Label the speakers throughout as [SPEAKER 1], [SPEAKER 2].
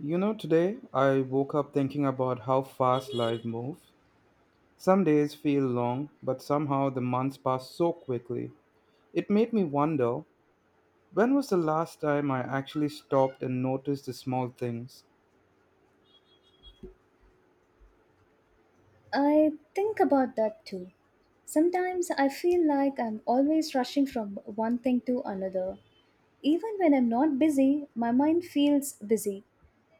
[SPEAKER 1] You know, today I woke up thinking about how fast life moves. Some days feel long, but somehow the months pass so quickly. It made me wonder, when was the last time I actually stopped and noticed the small things?
[SPEAKER 2] I think about that too. Sometimes I feel like I'm always rushing from one thing to another. Even when I'm not busy, my mind feels busy.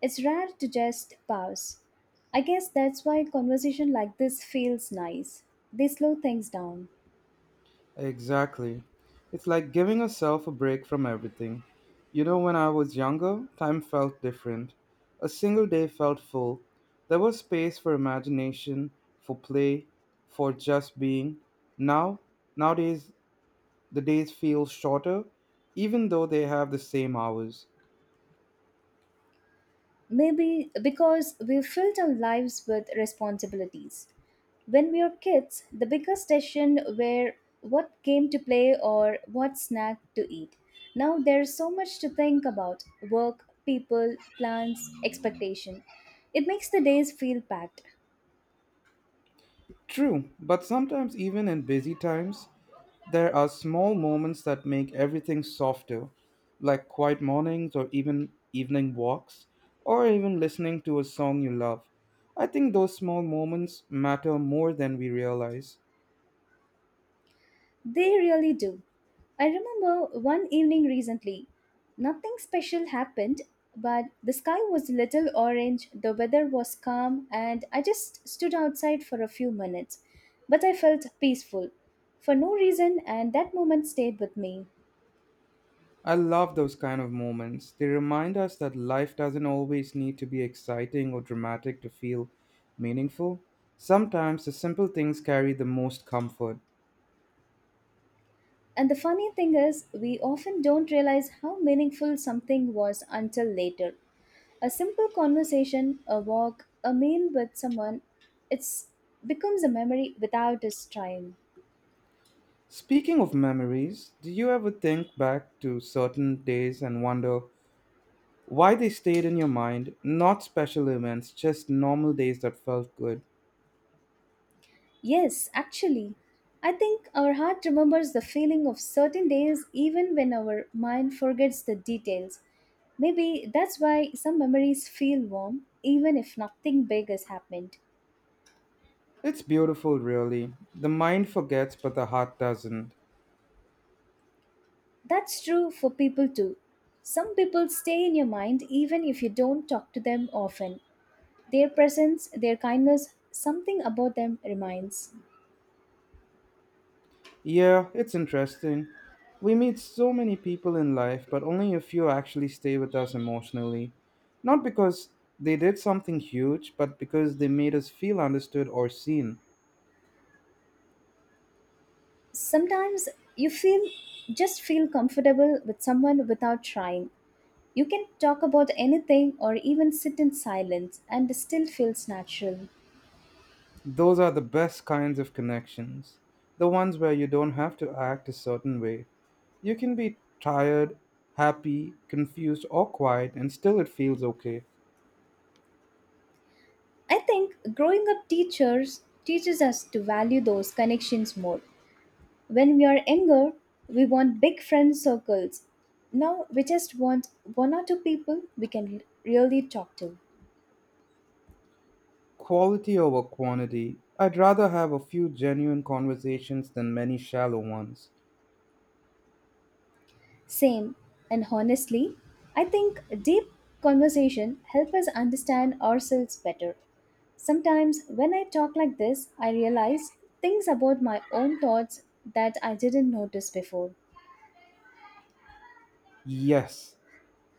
[SPEAKER 2] It's rare to just pause. I guess that's why conversation like this feels nice. They slow things down.
[SPEAKER 1] Exactly. It's like giving yourself a break from everything. You know, when I was younger, time felt different. A single day felt full. There was space for imagination, for play, for just being. Now, nowadays, the days feel shorter, even though they have the same hours.
[SPEAKER 2] Maybe because we've filled our lives with responsibilities. When we were kids, the biggest decision were what game to play or what snack to eat. Now there's so much to think about work, people, plans, expectation. It makes the days feel packed.
[SPEAKER 1] True, but sometimes, even in busy times, there are small moments that make everything softer, like quiet mornings or even evening walks, or even listening to a song you love. I think those small moments matter more than we realize.
[SPEAKER 2] They really do. I remember one evening recently. Nothing special happened, but the sky was a little orange, the weather was calm, and I just stood outside for a few minutes. But I felt peaceful for no reason, and that moment stayed with me.
[SPEAKER 1] I love those kind of moments. They remind us that life doesn't always need to be exciting or dramatic to feel meaningful. Sometimes the simple things carry the most comfort.
[SPEAKER 2] And the funny thing is, we often don't realize how meaningful something was until later. A simple conversation, a walk, a meal with someone, it becomes a memory without us trying.
[SPEAKER 1] Speaking of memories, do you ever think back to certain days and wonder why they stayed in your mind? Not special events, just normal days that felt good.
[SPEAKER 2] Yes, actually, I think our heart remembers the feeling of certain days even when our mind forgets the details. Maybe that's why some memories feel warm even if nothing big has happened.
[SPEAKER 1] It's beautiful, really. The mind forgets, but the heart doesn't.
[SPEAKER 2] That's true for people too. Some people stay in your mind even if you don't talk to them often. Their presence, their kindness, something about them reminds.
[SPEAKER 1] Yeah, it's interesting. We meet so many people in life, but only a few actually stay with us emotionally. Not because they did something huge, but because they made us feel understood or seen.
[SPEAKER 2] Sometimes you feel just feel comfortable with someone without trying. You can talk about anything or even sit in silence and it still feels natural.
[SPEAKER 1] Those are the best kinds of connections. The ones where you don't have to act a certain way. You can be tired, happy, confused, or quiet, and still it feels okay.
[SPEAKER 2] I think growing up teachers teaches us to value those connections more. When we are younger, we want big friend circles. Now we just want one or two people we can really talk to.
[SPEAKER 1] Quality over quantity. I'd rather have a few genuine conversations than many shallow ones.
[SPEAKER 2] Same, and honestly, I think deep conversation help us understand ourselves better. Sometimes, when I talk like this, I realize things about my own thoughts that I didn't notice before.
[SPEAKER 1] Yes,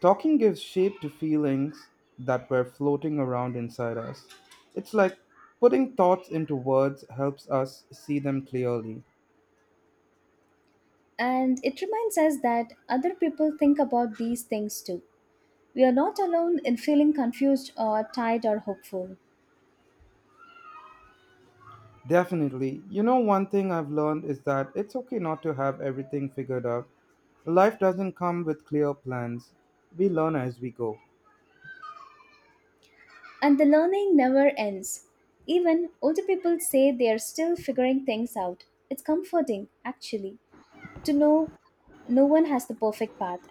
[SPEAKER 1] talking gives shape to feelings that were floating around inside us. It's like putting thoughts into words helps us see them clearly.
[SPEAKER 2] And it reminds us that other people think about these things too. We are not alone in feeling confused or tired or hopeful.
[SPEAKER 1] Definitely. You know, one thing I've learned is that it's okay not to have everything figured out. Life doesn't come with clear plans, we learn as we go.
[SPEAKER 2] And the learning never ends. Even older people say they are still figuring things out. It's comforting, actually, to know no one has the perfect path,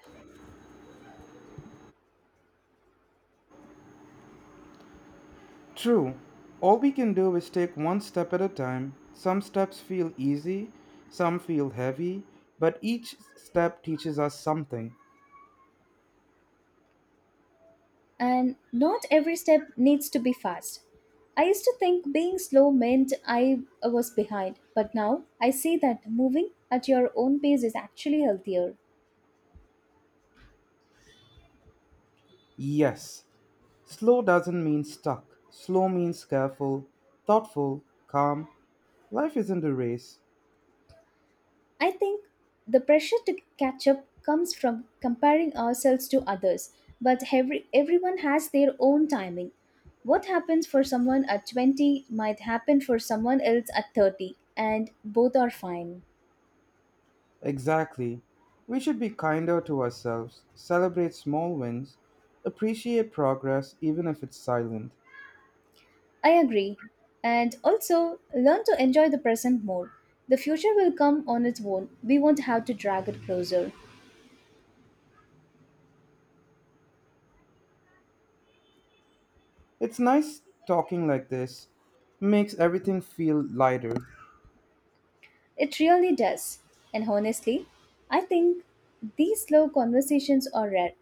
[SPEAKER 1] True. All we can do is take one step at a time. Some steps feel easy, some feel heavy, but each step teaches us something.
[SPEAKER 2] and not every step needs to be fast. I used to think being slow meant I was behind, but now I see that moving at your own pace is actually healthier.
[SPEAKER 1] Yes, slow doesn't mean stuck. Slow means careful, thoughtful, calm. Life isn't a race.
[SPEAKER 2] I think the pressure to catch up comes from comparing ourselves to others, but everyone has their own timing. What happens for someone at 20 might happen for someone else at 30, and both are fine.
[SPEAKER 1] Exactly. We should be kinder to ourselves, celebrate small wins, appreciate progress even if it's silent.
[SPEAKER 2] I agree. And also, learn to enjoy the present more. The future will come on its own. We won't have to drag it closer.
[SPEAKER 1] It's nice talking like this. Makes everything feel lighter.
[SPEAKER 2] It really does. And honestly, I think these slow conversations are rare.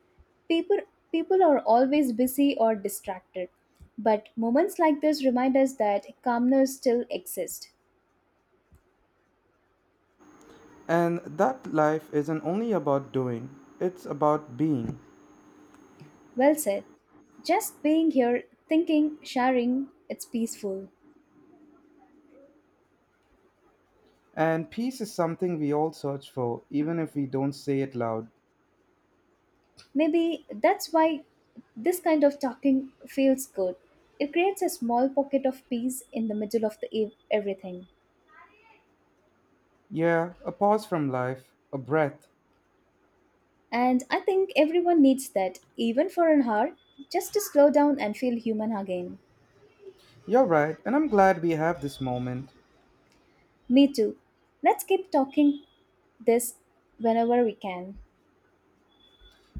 [SPEAKER 2] People People are always busy or distracted. But moments like this remind us that calmness still exists.
[SPEAKER 1] And that life isn't only about doing, it's about being.
[SPEAKER 2] Well said. Just being here, thinking, sharing, it's peaceful.
[SPEAKER 1] And peace is something we all search for, even if we don't say it loud.
[SPEAKER 2] Maybe that's why this kind of talking feels good. It creates a small pocket of peace in the middle of everything.
[SPEAKER 1] Yeah, a pause from life, a breath.
[SPEAKER 2] And I think everyone needs that, even for an hour, just to slow down and feel human again.
[SPEAKER 1] You're right, and I'm glad we have this moment.
[SPEAKER 2] Me too. Let's keep talking this whenever we can.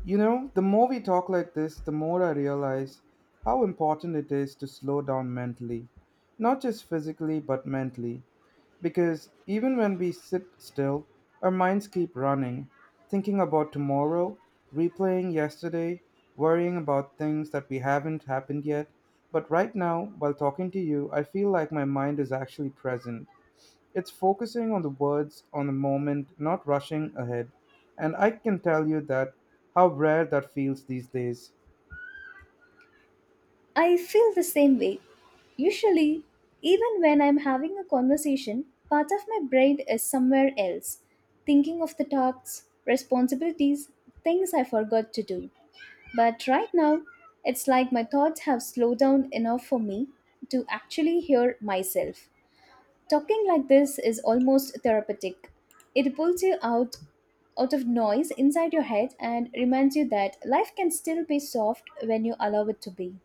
[SPEAKER 1] You know, the more we talk like this, the more I realize how important it is to slow down mentally. Not just physically, but mentally. Because even when we sit still, our minds keep running, thinking about tomorrow, replaying yesterday, worrying about things that we haven't happened yet. But right now, while talking to you, I feel like my mind is actually present. It's focusing on the words, on the moment, not rushing ahead. And I can tell you that how rare that feels these days.
[SPEAKER 2] I feel the same way. Usually, even when I'm having a conversation, part of my brain is somewhere else, thinking of the tasks, responsibilities, things I forgot to do. But right now, it's like my thoughts have slowed down enough for me to actually hear myself. Talking like this is almost therapeutic. It pulls you out of noise inside your head and reminds you that life can still be soft when you allow it to be.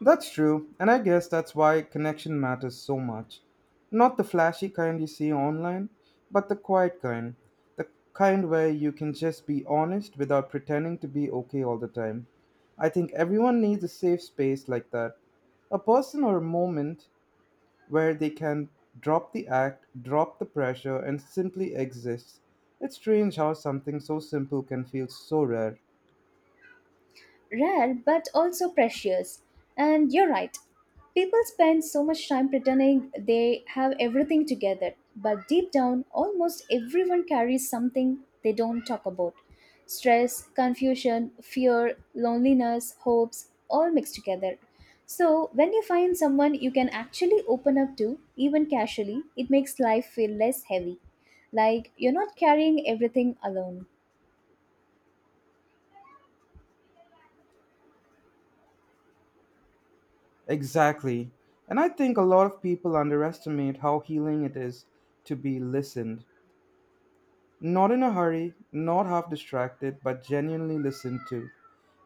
[SPEAKER 1] That's true, and I guess that's why connection matters so much. Not the flashy kind you see online, but the quiet kind. The kind where you can just be honest without pretending to be okay all the time. I think everyone needs a safe space like that. A person or a moment where they can drop the act, drop the pressure, and simply exist. It's strange how something so simple can feel so rare.
[SPEAKER 2] Rare but also precious. And you're right, people spend so much time pretending they have everything together, but deep down, almost everyone carries something they don't talk about stress, confusion, fear, loneliness, hopes, all mixed together. So, when you find someone you can actually open up to, even casually, it makes life feel less heavy. Like you're not carrying everything alone.
[SPEAKER 1] Exactly. And I think a lot of people underestimate how healing it is to be listened. Not in a hurry, not half distracted, but genuinely listened to.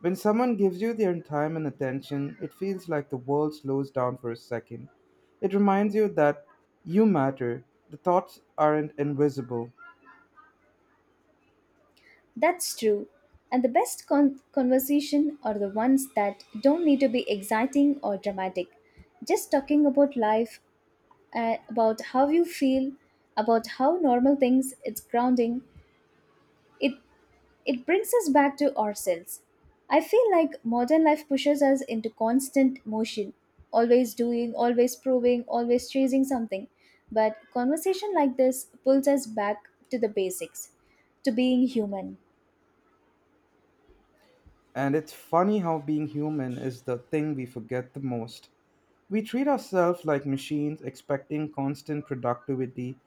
[SPEAKER 1] When someone gives you their time and attention, it feels like the world slows down for a second. It reminds you that you matter, the thoughts aren't invisible.
[SPEAKER 2] That's true. And the best conversation are the ones that don't need to be exciting or dramatic. Just talking about life, about how you feel, about how normal things, it's grounding. It it brings us back to ourselves. I feel like modern life pushes us into constant motion, always doing, always proving, always chasing something. But conversation like this pulls us back to the basics, to being human.
[SPEAKER 1] And it's funny how being human is the thing we forget the most. We treat ourselves like machines, expecting constant productivity,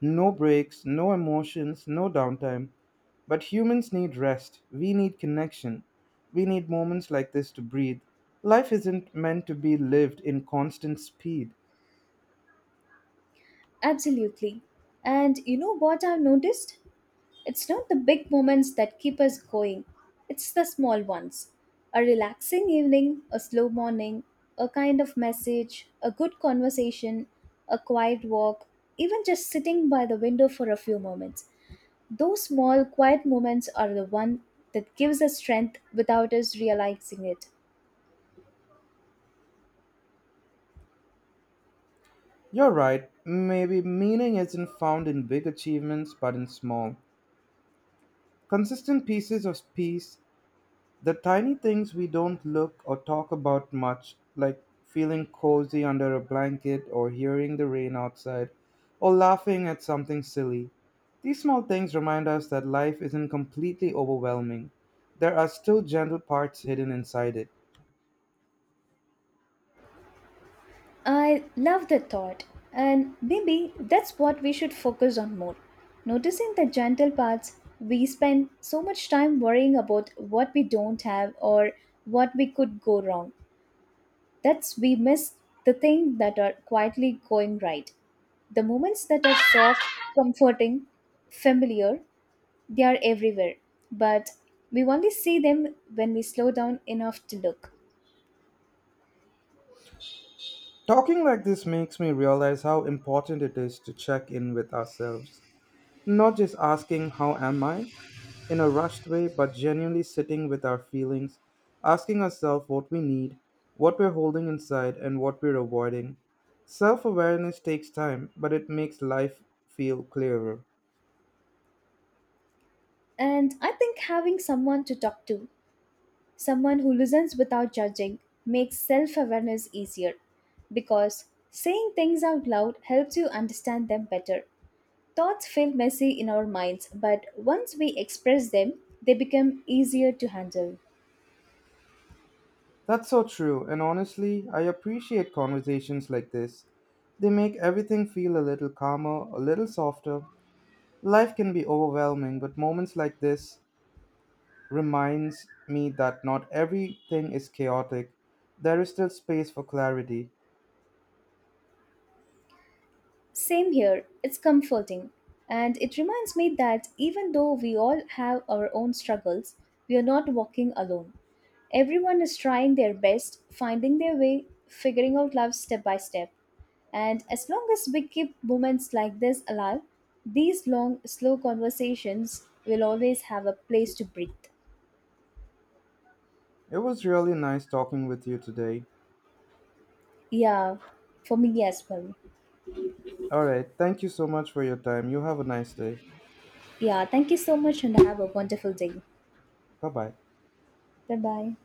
[SPEAKER 1] no breaks, no emotions, no downtime. But humans need rest. We need connection. We need moments like this to breathe. Life isn't meant to be lived in constant speed.
[SPEAKER 2] Absolutely. And you know what I've noticed? It's not the big moments that keep us going, it's the small ones. A relaxing evening, a slow morning, a kind of message, a good conversation, a quiet walk, even just sitting by the window for a few moments. Those small, quiet moments are the one that gives us strength without us realizing it.
[SPEAKER 1] You're right, maybe meaning isn't found in big achievements but in small, consistent pieces of peace. The tiny things we don't look or talk about much, like feeling cozy under a blanket or hearing the rain outside or laughing at something silly. These small things remind us that life isn't completely overwhelming. There are still gentle parts hidden inside it.
[SPEAKER 2] I love the thought, and maybe that's what we should focus on more. Noticing the gentle parts, we spend so much time worrying about what we don't have or what we could go wrong. That's we miss the things that are quietly going right. The moments that are soft, comforting, familiar, they are everywhere, but we only see them when we slow down enough to look.
[SPEAKER 1] Talking like this makes me realize how important it is to check in with ourselves, not just asking, "How am I?" in a rushed way, but genuinely sitting with our feelings, asking ourselves what we need, what we're holding inside, and what we're avoiding. Self awareness takes time, but it makes life feel clearer.
[SPEAKER 2] And I think having someone to talk to, someone who listens without judging makes self awareness easier because saying things out loud helps you understand them better. Thoughts feel messy in our minds, but once we express them, they become easier to handle.
[SPEAKER 1] That's so true, and honestly, I appreciate conversations like this. They make everything feel a little calmer, a little softer. Life can be overwhelming, but moments like this reminds me that not everything is chaotic. There is still space for clarity.
[SPEAKER 2] Same here, it's comforting. And it reminds me that even though we all have our own struggles, we are not walking alone. Everyone is trying their best, finding their way, figuring out love step by step. And as long as we keep moments like this alive, these long, slow conversations will always have a place to breathe.
[SPEAKER 1] It was really nice talking with you today.
[SPEAKER 2] Yeah, for me as well.
[SPEAKER 1] All right, thank you so much for your time. You have a nice day.
[SPEAKER 2] Yeah, thank you so much and have a wonderful day.
[SPEAKER 1] Bye bye.
[SPEAKER 2] Bye bye.